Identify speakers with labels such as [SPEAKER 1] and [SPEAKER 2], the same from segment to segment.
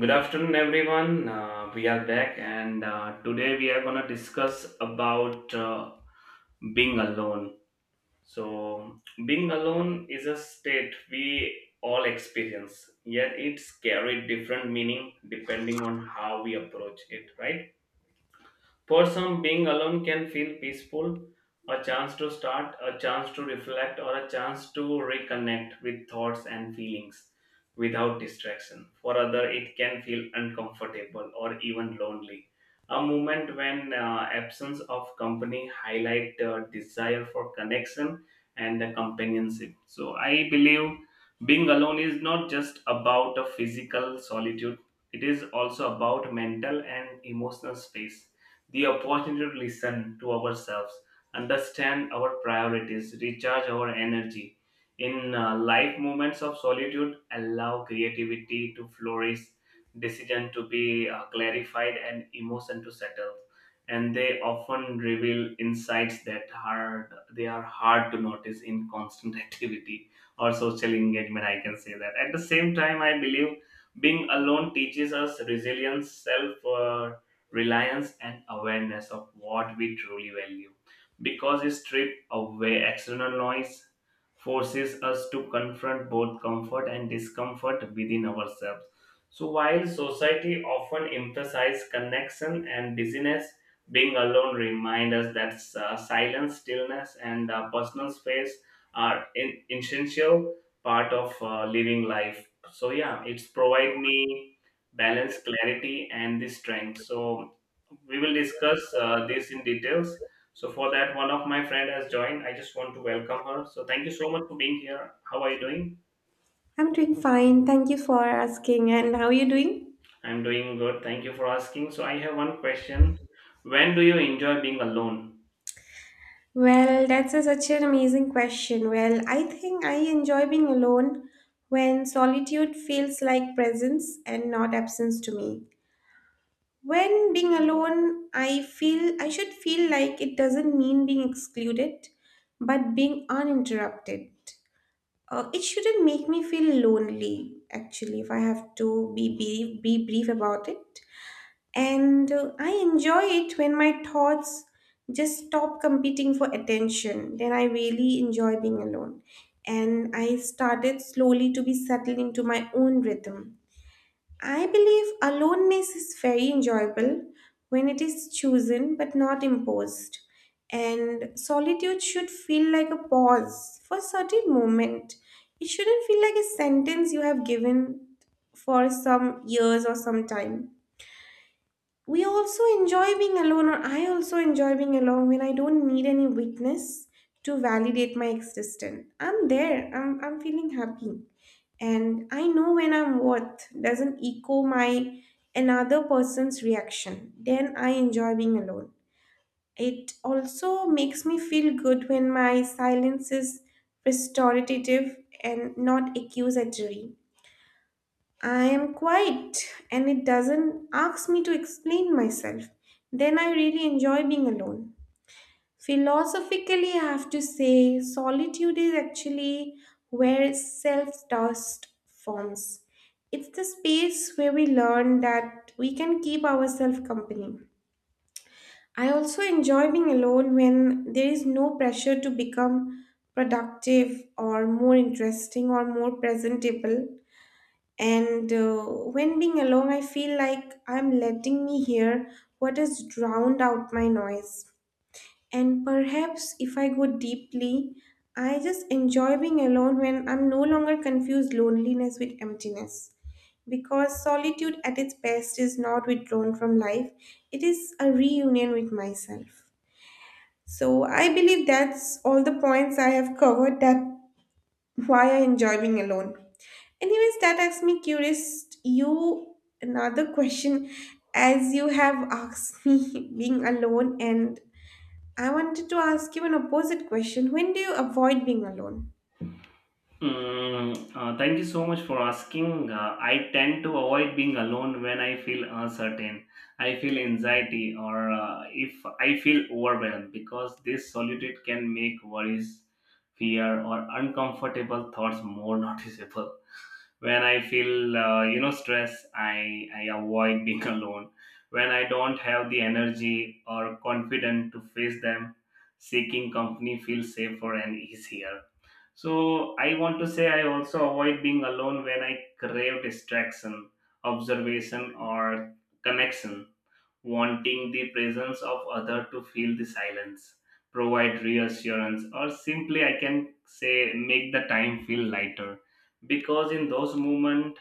[SPEAKER 1] Good afternoon, everyone. We are back, and today we are gonna discuss about being alone. So, being alone is a state we all experience, yet it's carried different meaning depending on how we approach it, right? For some, being alone can feel peaceful, a chance to start, a chance to reflect, or a chance to reconnect with thoughts and feelings without distraction. For other, it can feel uncomfortable or even lonely. A moment when absence of company highlight desire for connection and companionship. So I believe being alone is not just about a physical solitude; it is also about mental and emotional space, the opportunity to listen to ourselves, understand our priorities, recharge our energy. In life, moments of solitude allow creativity to flourish, decision to be clarified, and emotion to settle. And they often reveal insights that hard they are hard to notice in constant activity or social engagement. I can say that. At the same time, I believe being alone teaches us resilience, self reliance, and awareness of what we truly value. Because it strips away external noise, forces us to confront both comfort and discomfort within ourselves. So while society often emphasizes connection and busyness, being alone reminds us that silence, stillness, and personal space are an essential part of living life. So yeah, it's provide me balance, clarity, and the strength. So we will discuss this in details. So for that, one of my friend has joined. I just want to welcome her. So thank you so much for being here. How are you doing?
[SPEAKER 2] I'm doing fine. Thank you for asking. And how are you doing?
[SPEAKER 1] I'm doing good. Thank you for asking. So I have one question. When do you enjoy being alone?
[SPEAKER 2] Well, that's such an amazing question. Well, I think I enjoy being alone when solitude feels like presence and not absence to me. When being alone, I feel I should feel like it doesn't mean being excluded, but being uninterrupted. It shouldn't make me feel lonely, actually, if I have to be brief about it. And I enjoy it when my thoughts just stop competing for attention. Then I really enjoy being alone. And I started slowly to be settled into my own rhythm. I believe aloneness is very enjoyable when it is chosen but not imposed. And solitude should feel like a pause for a certain moment. It shouldn't feel like a sentence you have given for some years or some time. We also enjoy being alone, or I also enjoy being alone when I don't need any witness to validate my existence. I'm there, I'm feeling happy, and I know when I'm worth doesn't echo my another person's reaction, then I enjoy being alone. It also makes me feel good when my silence is restorative and not accusatory. I am quiet and it doesn't ask me to explain myself. Then I really enjoy being alone. Philosophically, I have to say, solitude is actually where self trust forms. It's the space where we learn that we can keep ourselves company. I also enjoy being alone when there is no pressure to become productive or more interesting or more presentable. And when being alone, I feel like I'm letting me hear what has drowned out my noise. And perhaps if I go deeply, I just enjoy being alone when I'm no longer confused loneliness with emptiness. Because solitude at its best is not withdrawn from life, it is a reunion with myself. So I believe that's all the points I have covered that why I enjoy being alone. Anyways, that makes me curious. You another question, as you have asked me being alone, and I wanted to ask you an opposite question. When do you avoid being alone?
[SPEAKER 1] Thank you so much for asking. I tend to avoid being alone when I feel uncertain, I feel anxiety, or if I feel overwhelmed, because this solitude can make worries, fear, or uncomfortable thoughts more noticeable. When I feel, stress, I avoid being alone. When I don't have the energy or confidence to face them, seeking company feels safer and easier. So I want to say I also avoid being alone when I crave distraction, observation, or connection, wanting the presence of other to feel the silence, provide reassurance, or simply I can say make the time feel lighter. Because in those moments,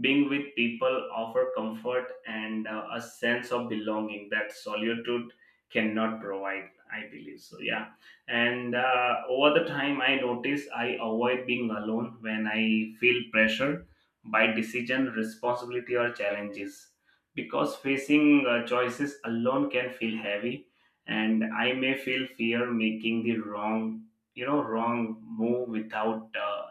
[SPEAKER 1] being with people offer comfort and a sense of belonging that solitude cannot provide. I believe so. Yeah, and over the time, I notice I avoid being alone when I feel pressure by decision, responsibility, or challenges, because facing choices alone can feel heavy, and I may feel fear making the wrong you know wrong move without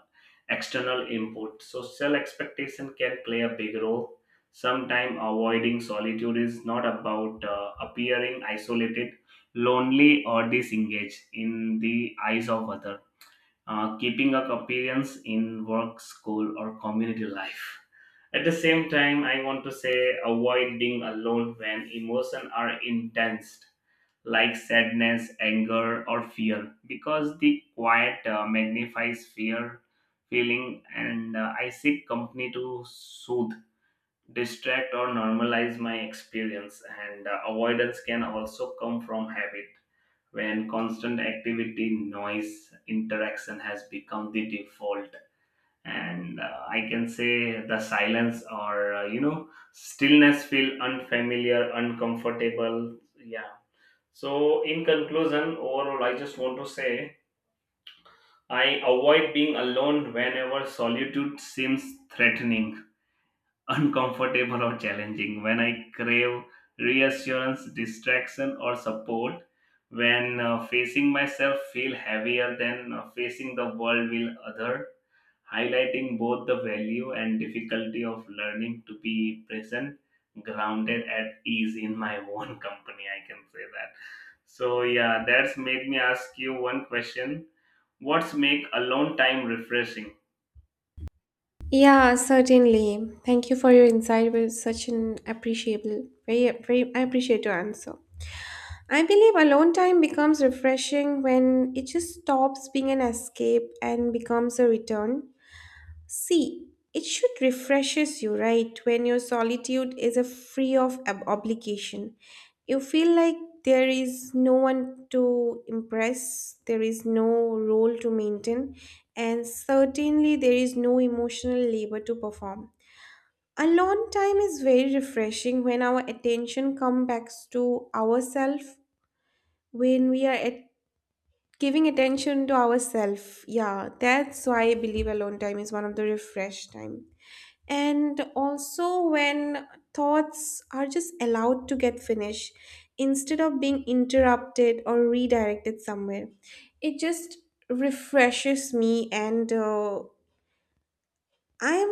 [SPEAKER 1] external input. Social expectation can play a big role. Sometimes avoiding solitude is not about appearing isolated, lonely, or disengaged in the eyes of other, keeping up appearance in work, school, or community life. At the same time, I want to say avoid being alone when emotions are intense, like sadness, anger, or fear, because the quiet magnifies fear feeling, and I seek company to soothe, distract, or normalize my experience. And avoidance can also come from habit, when constant activity, noise, interaction has become the default, and I can say the silence or stillness feel unfamiliar, uncomfortable. Yeah, so in conclusion, overall I just want to say I avoid being alone whenever solitude seems threatening, uncomfortable, or challenging, when I crave reassurance, distraction, or support, when facing myself feel heavier than facing the world will other, highlighting both the value and difficulty of learning to be present, grounded, at ease in my own company. I can say that. So, yeah, that's made me ask you one question: what's make alone time refreshing?
[SPEAKER 2] Yeah, certainly. Thank you for your insight. It was such an appreciable, I appreciate your answer. I believe alone time becomes refreshing when it just stops being an escape and becomes a return. See, it should refreshes you, right? When your solitude is a free of obligation, you feel like there is no one to impress, there is no role to maintain, and certainly there is no emotional labor to perform. Alone time is very refreshing when our attention comes back to ourselves, when we are at giving attention to ourselves. Yeah, that's why I believe alone time is one of the refresh time, and also when thoughts are just allowed to get finished instead of being interrupted or redirected somewhere. It just refreshes me, and i'm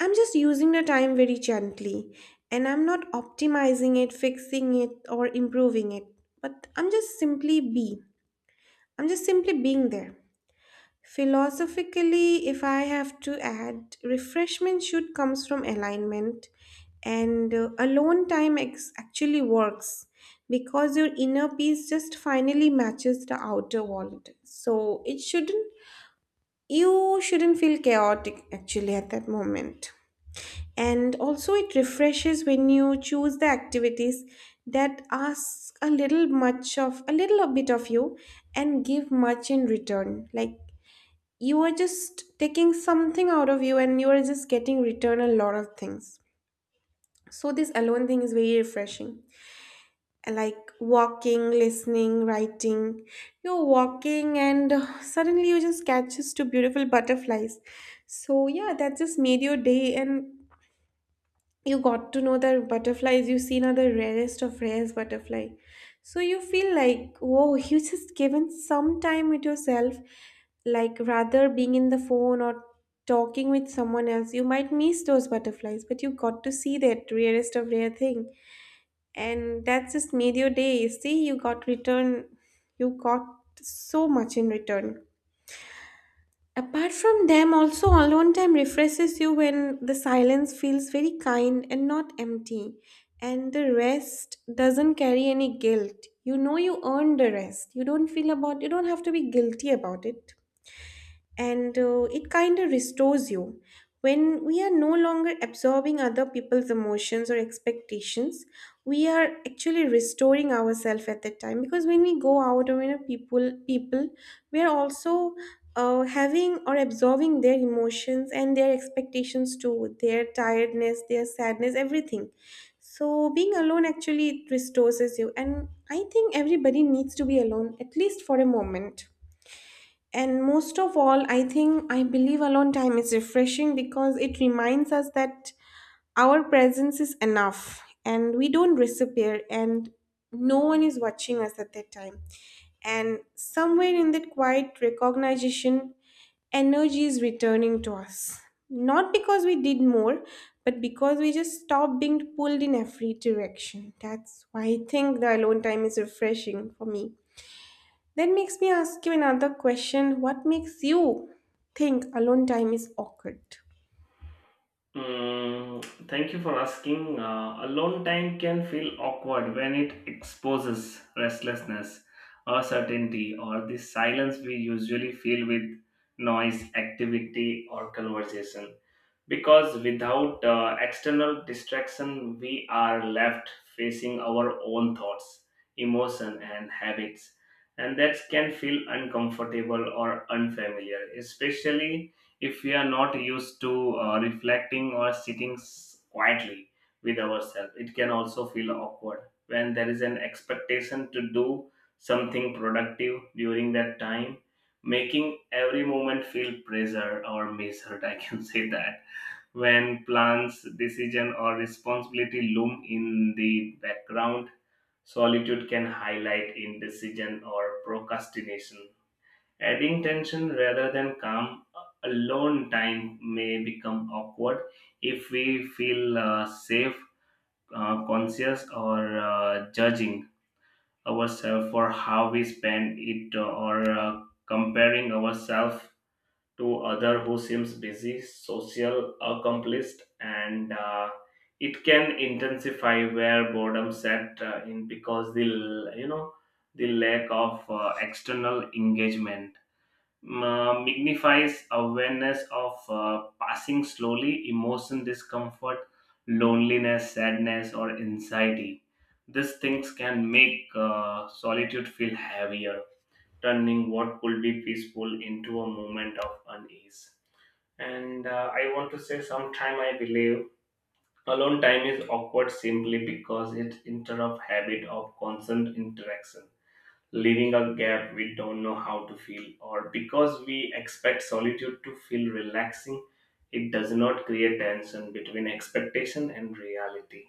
[SPEAKER 2] I'm just using the time very gently, and I'm not optimizing it, fixing it, or improving it, but I'm just simply be I'm just simply being there Philosophically, if I have to add, refreshment should comes from alignment, and alone time actually works because your inner peace just finally matches the outer world. So it shouldn't, you shouldn't feel chaotic actually at that moment. And also, it refreshes when you choose the activities that ask a little bit of you and give much in return, like you are just taking something out of you and you are just getting return a lot of things. So this alone thing is very refreshing, like walking, listening, writing. You're walking and suddenly you just catches two beautiful butterflies. So yeah, that just made your day, and you got to know that butterflies you seen are the rarest of rarest butterfly. So you feel like whoa, you just given some time with yourself, like rather being in the phone or talking with someone else you might miss those butterflies, but you got to see that rarest of rare thing. And that just made your day. See, you got return, you got so much in return. Apart from them, also alone time refreshes you when the silence feels very kind and not empty, and the rest doesn't carry any guilt. You know you earned the rest. You don't feel about, you don't have to be guilty about it, and it kind of restores you when we are no longer absorbing other people's emotions or expectations. We are actually restoring ourselves at that time, because when we go out or when a people we are also having or absorbing their emotions and their expectations too, their tiredness, their sadness, everything. So being alone actually it restores you, and I think everybody needs to be alone at least for a moment. And most of all, I think I believe alone time is refreshing because it reminds us that our presence is enough and we don't disappear, and no one is watching us at that time. And somewhere in that quiet recognition, energy is returning to us. Not because we did more, but because we just stopped being pulled in every direction. That's why I think the alone time is refreshing for me. That makes me ask you another question. What makes you think alone time is awkward?
[SPEAKER 1] Thank you for asking. Alone time can feel awkward when it exposes restlessness, uncertainty, or the silence we usually feel with noise, activity, or conversation. Because without external distraction, we are left facing our own thoughts, emotion, and habits, and that can feel uncomfortable or unfamiliar, especially if we are not used to reflecting or quietly with ourselves. It can also feel awkward when there is an expectation to do something productive during that time, making every moment feel pressure or measured. I can say that. When plans, decision, or responsibility loom in the background, solitude can highlight indecision or procrastination. Adding tension rather than calm, alone time may become awkward if we feel safe, conscious, or judging ourselves for how we spend it, or comparing ourselves to other who seems busy, social, accomplished, and it can intensify where boredom set in, because the l- you know the lack of external engagement magnifies awareness of passing slowly, emotion, discomfort, loneliness, sadness, or anxiety. These things can make solitude feel heavier, turning what could be peaceful into a moment of unease. And I want to say sometime I believe alone time is awkward simply because it interrupts habit of constant interaction, leaving a gap we don't know how to feel, or because we expect solitude to feel relaxing, it does not create tension between expectation and reality.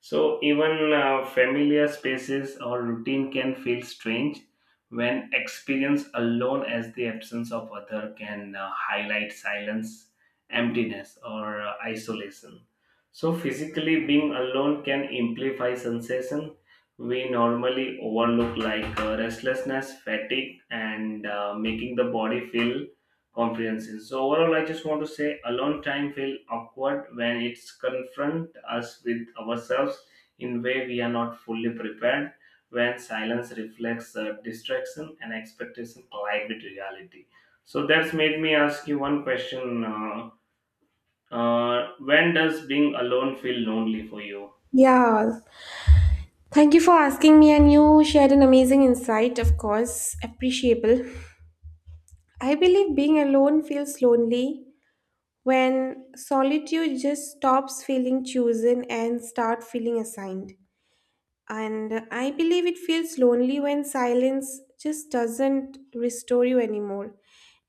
[SPEAKER 1] So, even familiar spaces or routine can feel strange when experienced alone, as the absence of other can highlight silence, emptiness, or isolation. So, physically being alone can amplify sensation we normally overlook, like restlessness, fatigue, and making the body feel comprehension. So overall, I just want to say alone time feel awkward when it's confront us with ourselves in way we are not fully prepared, when silence reflects distraction and expectation collide with reality. So that's made me ask you one question. When does being alone feel lonely for you?
[SPEAKER 2] Yeah, thank you for asking me, and you shared an amazing insight, of course, appreciable. I believe being alone feels lonely when solitude just stops feeling chosen and start feeling assigned. And I believe it feels lonely when silence just doesn't restore you anymore,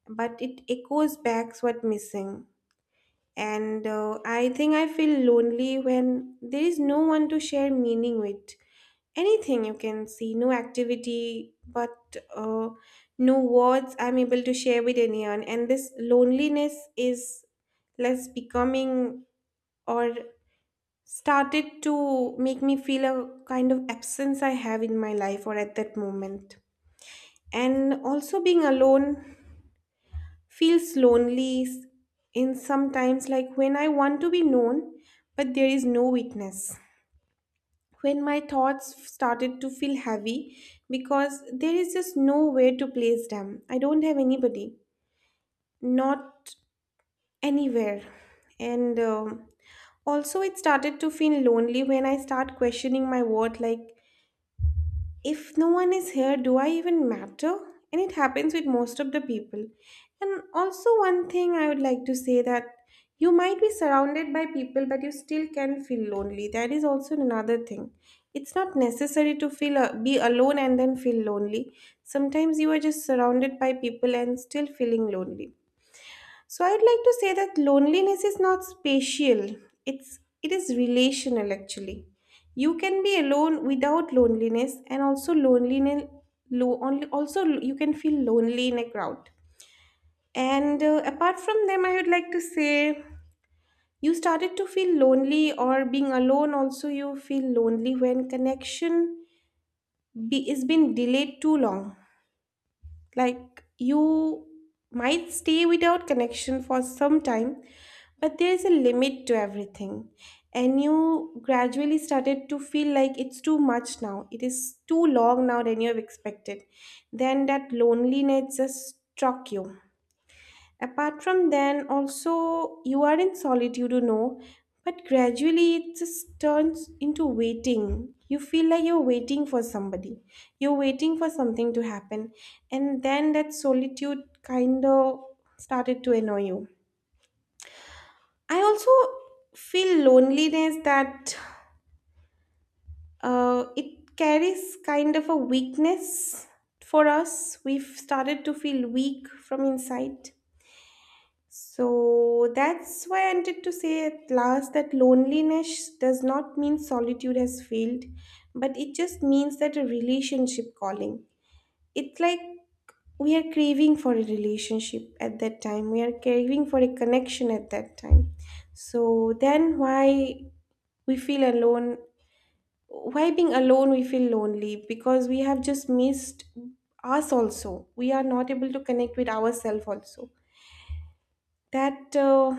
[SPEAKER 2] but it echoes back what missing. And I think I feel lonely when there is no one to share meaning with. Anything you can see, no activity, but no words I'm able to share with anyone. And this loneliness is less becoming, or started to make me feel a kind of absence I have in my life or at that moment. And also being alone feels lonely in sometimes, like when I want to be known but there is no witness, when my thoughts started to feel heavy because there is just nowhere to place them. I don't have anybody, not anywhere. And um, also it started to feel lonely when I start questioning my worth, like if no one is here, do I even matter? And it happens with most of the people. And also, one thing I would like to say that you might be surrounded by people, but you still can feel lonely. That is also another thing. It's not necessary to feel be alone and then feel lonely. Sometimes you are just surrounded by people and still feeling lonely. So I would like to say that loneliness is not spatial. It is relational actually. You can be alone without loneliness, and also also you can feel lonely in a crowd. And apart from them I would like to say you started to feel lonely or being alone also you feel lonely when connection is been delayed too long. Like you might stay without connection for some time, but there is a limit to everything. And you gradually started to feel like it's too much now. It is too long now than you have expected. Then that loneliness just struck you. Apart from then, also, you are in solitude, you know, but gradually it just turns into waiting. You feel like you're waiting for somebody, you're waiting for something to happen, and then that solitude kind of started to annoy you. I also feel loneliness that it carries kind of a weakness for us. We've started to feel weak from inside. So that's why I wanted to say at last that loneliness does not mean solitude has failed, but it just means that a relationship calling. It's like we are craving for a relationship at that time, we are craving for a connection at that time. So then why we feel alone? Why being alone we feel lonely? Because we have just missed us also. We are not able to connect with ourselves also. That.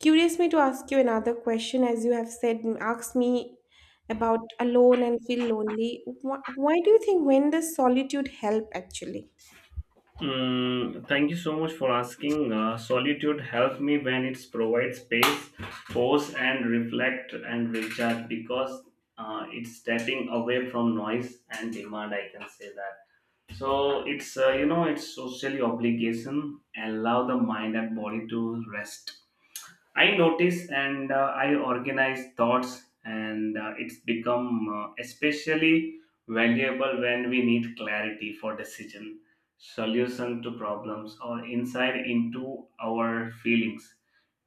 [SPEAKER 2] Curious me to ask you another question, as you have said, asked me about alone and feel lonely. Why do you think when does solitude help actually?
[SPEAKER 1] Thank you so much for asking. Solitude helps me when it provides space, pause, and reflect and recharge, because it's stepping away from noise and demand. I can say that. So it's it's socially obligation allow the mind and body to rest, I notice, and I organize thoughts, and it's become especially valuable when we need clarity for decision, solution to problems, or insight into our feelings.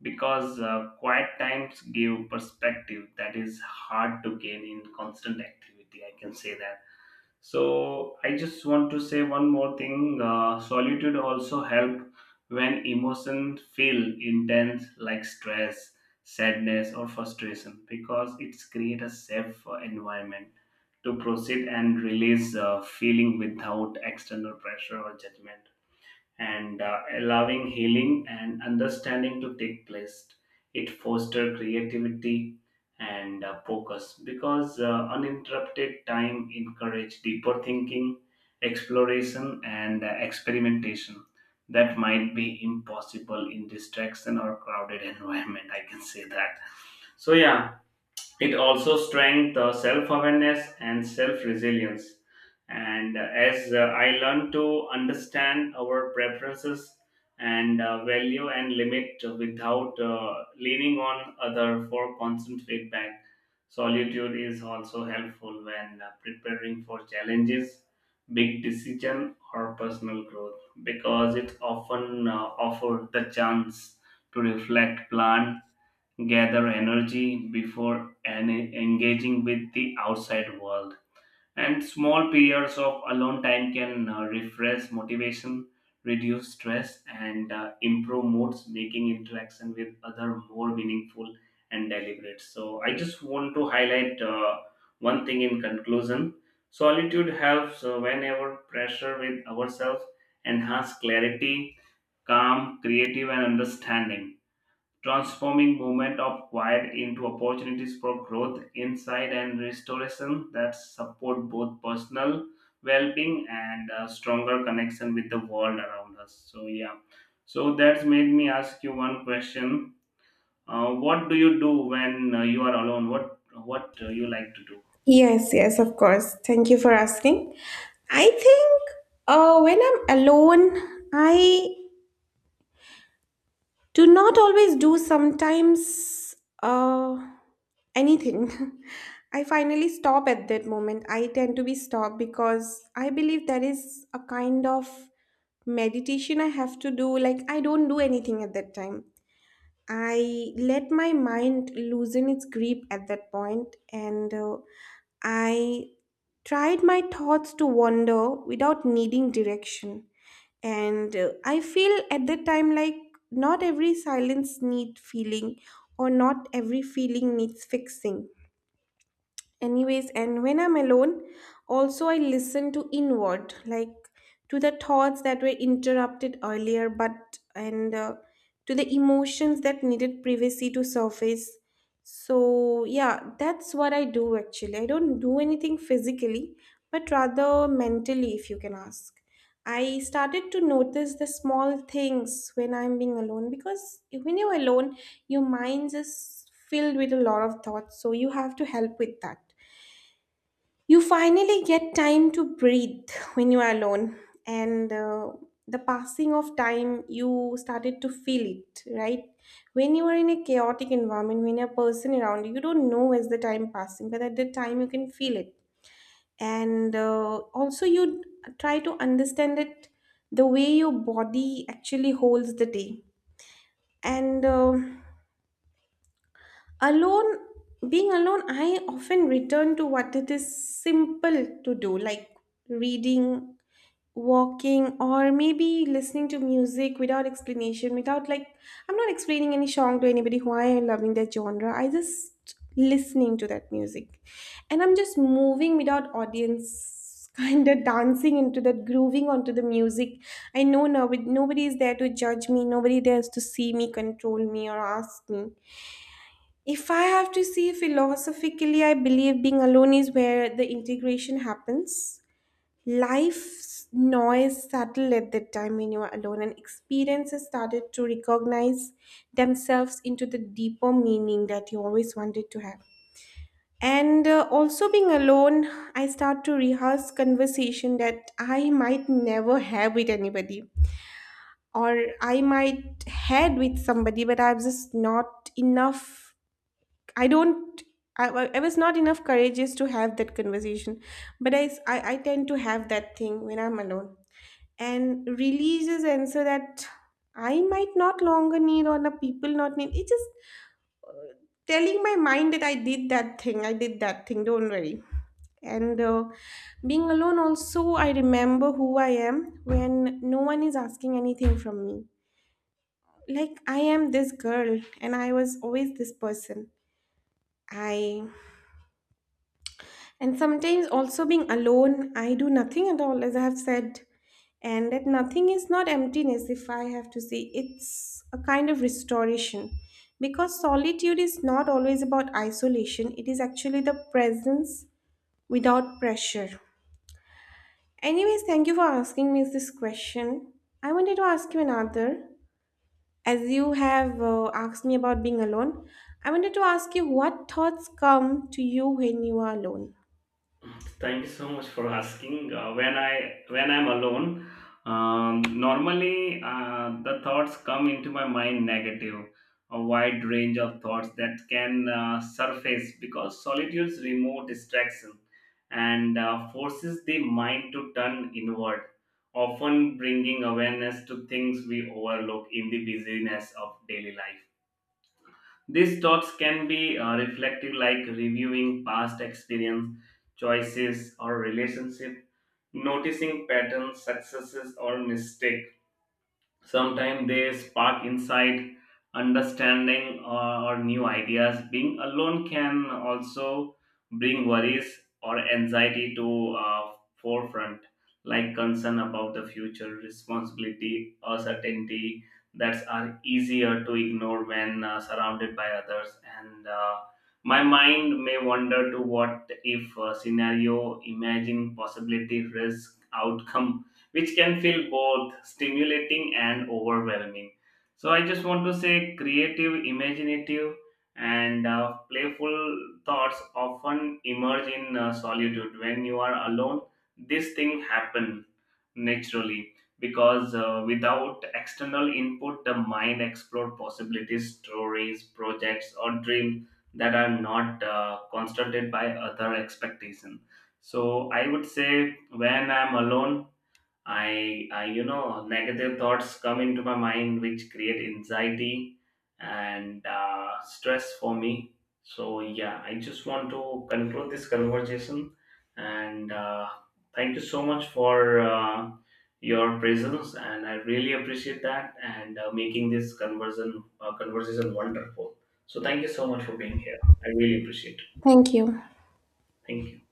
[SPEAKER 1] Because quiet times give perspective that is hard to gain in constant activity. I can say that. So I just want to say one more thing. Solitude also help when emotions feel intense, like stress, sadness, or frustration, because it's create a safe environment to proceed and release feeling without external pressure or judgment, and allowing healing and understanding to take place. It fosters creativity and focus, because uninterrupted time encourage deeper thinking, exploration, and experimentation that might be impossible in distraction or crowded environment. I can say that. So yeah, it also strengthens the self awareness and self resilience. And as I learn to understand our preferences and value and limit without leaning on other for constant feedback, solitude is also helpful when preparing for challenges, big decision, or personal growth, because it often offers the chance to reflect, plan, gather energy before engaging with the outside world. And small periods of alone time can refresh motivation, reduce stress, and improve moods, making interaction with other more meaningful and deliberate. So I just want to highlight one thing in conclusion. Solitude helps whenever pressure with ourselves enhance clarity, calm, creative, and understanding, transforming movement of quiet into opportunities for growth, insight, and restoration that support both personal well-being and a stronger connection with the world around us. So yeah, so that's made me ask you one question: what do you do when you are alone? What you like to do?
[SPEAKER 2] Yes, yes, of course. Thank you for asking. I think when I'm alone, I to not always do sometimes uh, anything. I finally stop at that moment. I tend to be stopped because I believe there is a kind of meditation I have to do, like I don't do anything at that time. I let my mind loosen its grip at that point, and I tried my thoughts to wander without needing direction. And I feel at that time like not every silence need feeling, or not every feeling needs fixing. Anyways, and when I'm alone also I listen to inward, like to the thoughts that were interrupted earlier but, and to the emotions that needed privacy to surface. So, yeah, that's what I do actually. I don't do anything physically, but rather mentally, if you can ask. I started to notice the small things when I'm being alone, because when you're alone, your mind is filled with a lot of thoughts. So, you have to help with that. You finally get time to breathe when you are alone, and the passing of time, you started to feel it, right? When you are in a chaotic environment, when a person around you, you don't know where's the time passing, but at that time you can feel it, and also you try to understand it the way your body actually holds the day, and alone being alone I often return to what it is simple to do, like reading, walking, or maybe listening to music without explanation, without like, I'm not explaining any song to anybody why I'm loving that genre. I just listening to that music, and I'm just moving without audience kind of dancing into that, grooving onto the music. I know now nobody is there to judge me, nobody there's to see me, control me, or ask me. If I have to see philosophically, I believe being alone is where the integration happens. Life's noise settled at that time when you were alone, and experiences started to recognize themselves into the deeper meaning that you always wanted to have. And also being alone, I start to rehearse conversation that I might never have with anybody, or I might had with somebody, but I was just not enough. I don't. I was not enough courageous to have that conversation, but I, s- I tend to have that thing when I'm alone and releases and so that I might not longer need or the people not need. It's just telling my mind that I did that thing, I did that thing, don't worry. And being alone also, I remember who I am when no one is asking anything from me. Like I am this girl and I was always this person. I. And sometimes also being alone, I do nothing at all, as I have said. And that nothing is not emptiness, if I have to say, it's a kind of restoration. Because solitude is not always about isolation, it is actually the presence without pressure. Anyways, thank you for asking me this question. I wanted to ask you another. As you have asked me about being alone, I wanted to ask you what thoughts come to you when you are alone.
[SPEAKER 1] Thank you so much for asking. Uh, when I'm alone, normally the thoughts come into my mind negative, a wide range of thoughts that can surface, because solitude's remote distraction and forces the mind to turn inward, often bringing awareness to things we overlook in the busyness of daily life. These thoughts can be reflective, like reviewing past experience, choices, or relationship, noticing patterns, successes, or mistakes. Sometimes they spark insight, understanding, or new ideas. Being alone can also bring worries or anxiety to forefront, like concern about the future, responsibility, or certainty, that are easier to ignore when surrounded by others, and my mind may wander to what if scenario, imagine possibility, risk outcome, which can feel both stimulating and overwhelming. So I just want to say creative, imaginative, and playful thoughts often emerge in solitude. When you are alone, this thing happen naturally, because without external input, the mind explore possibilities, stories, projects, or dreams that are not constructed by other expectation. So I would say when I'm alone, I negative thoughts come into my mind which create anxiety and stress for me. So yeah, I just want to conclude this conversation, and thank you so much for your presence, and I really appreciate that, and making this conversion conversation wonderful. So thank you so much for being here. I really appreciate it.
[SPEAKER 2] Thank you.
[SPEAKER 1] Thank you.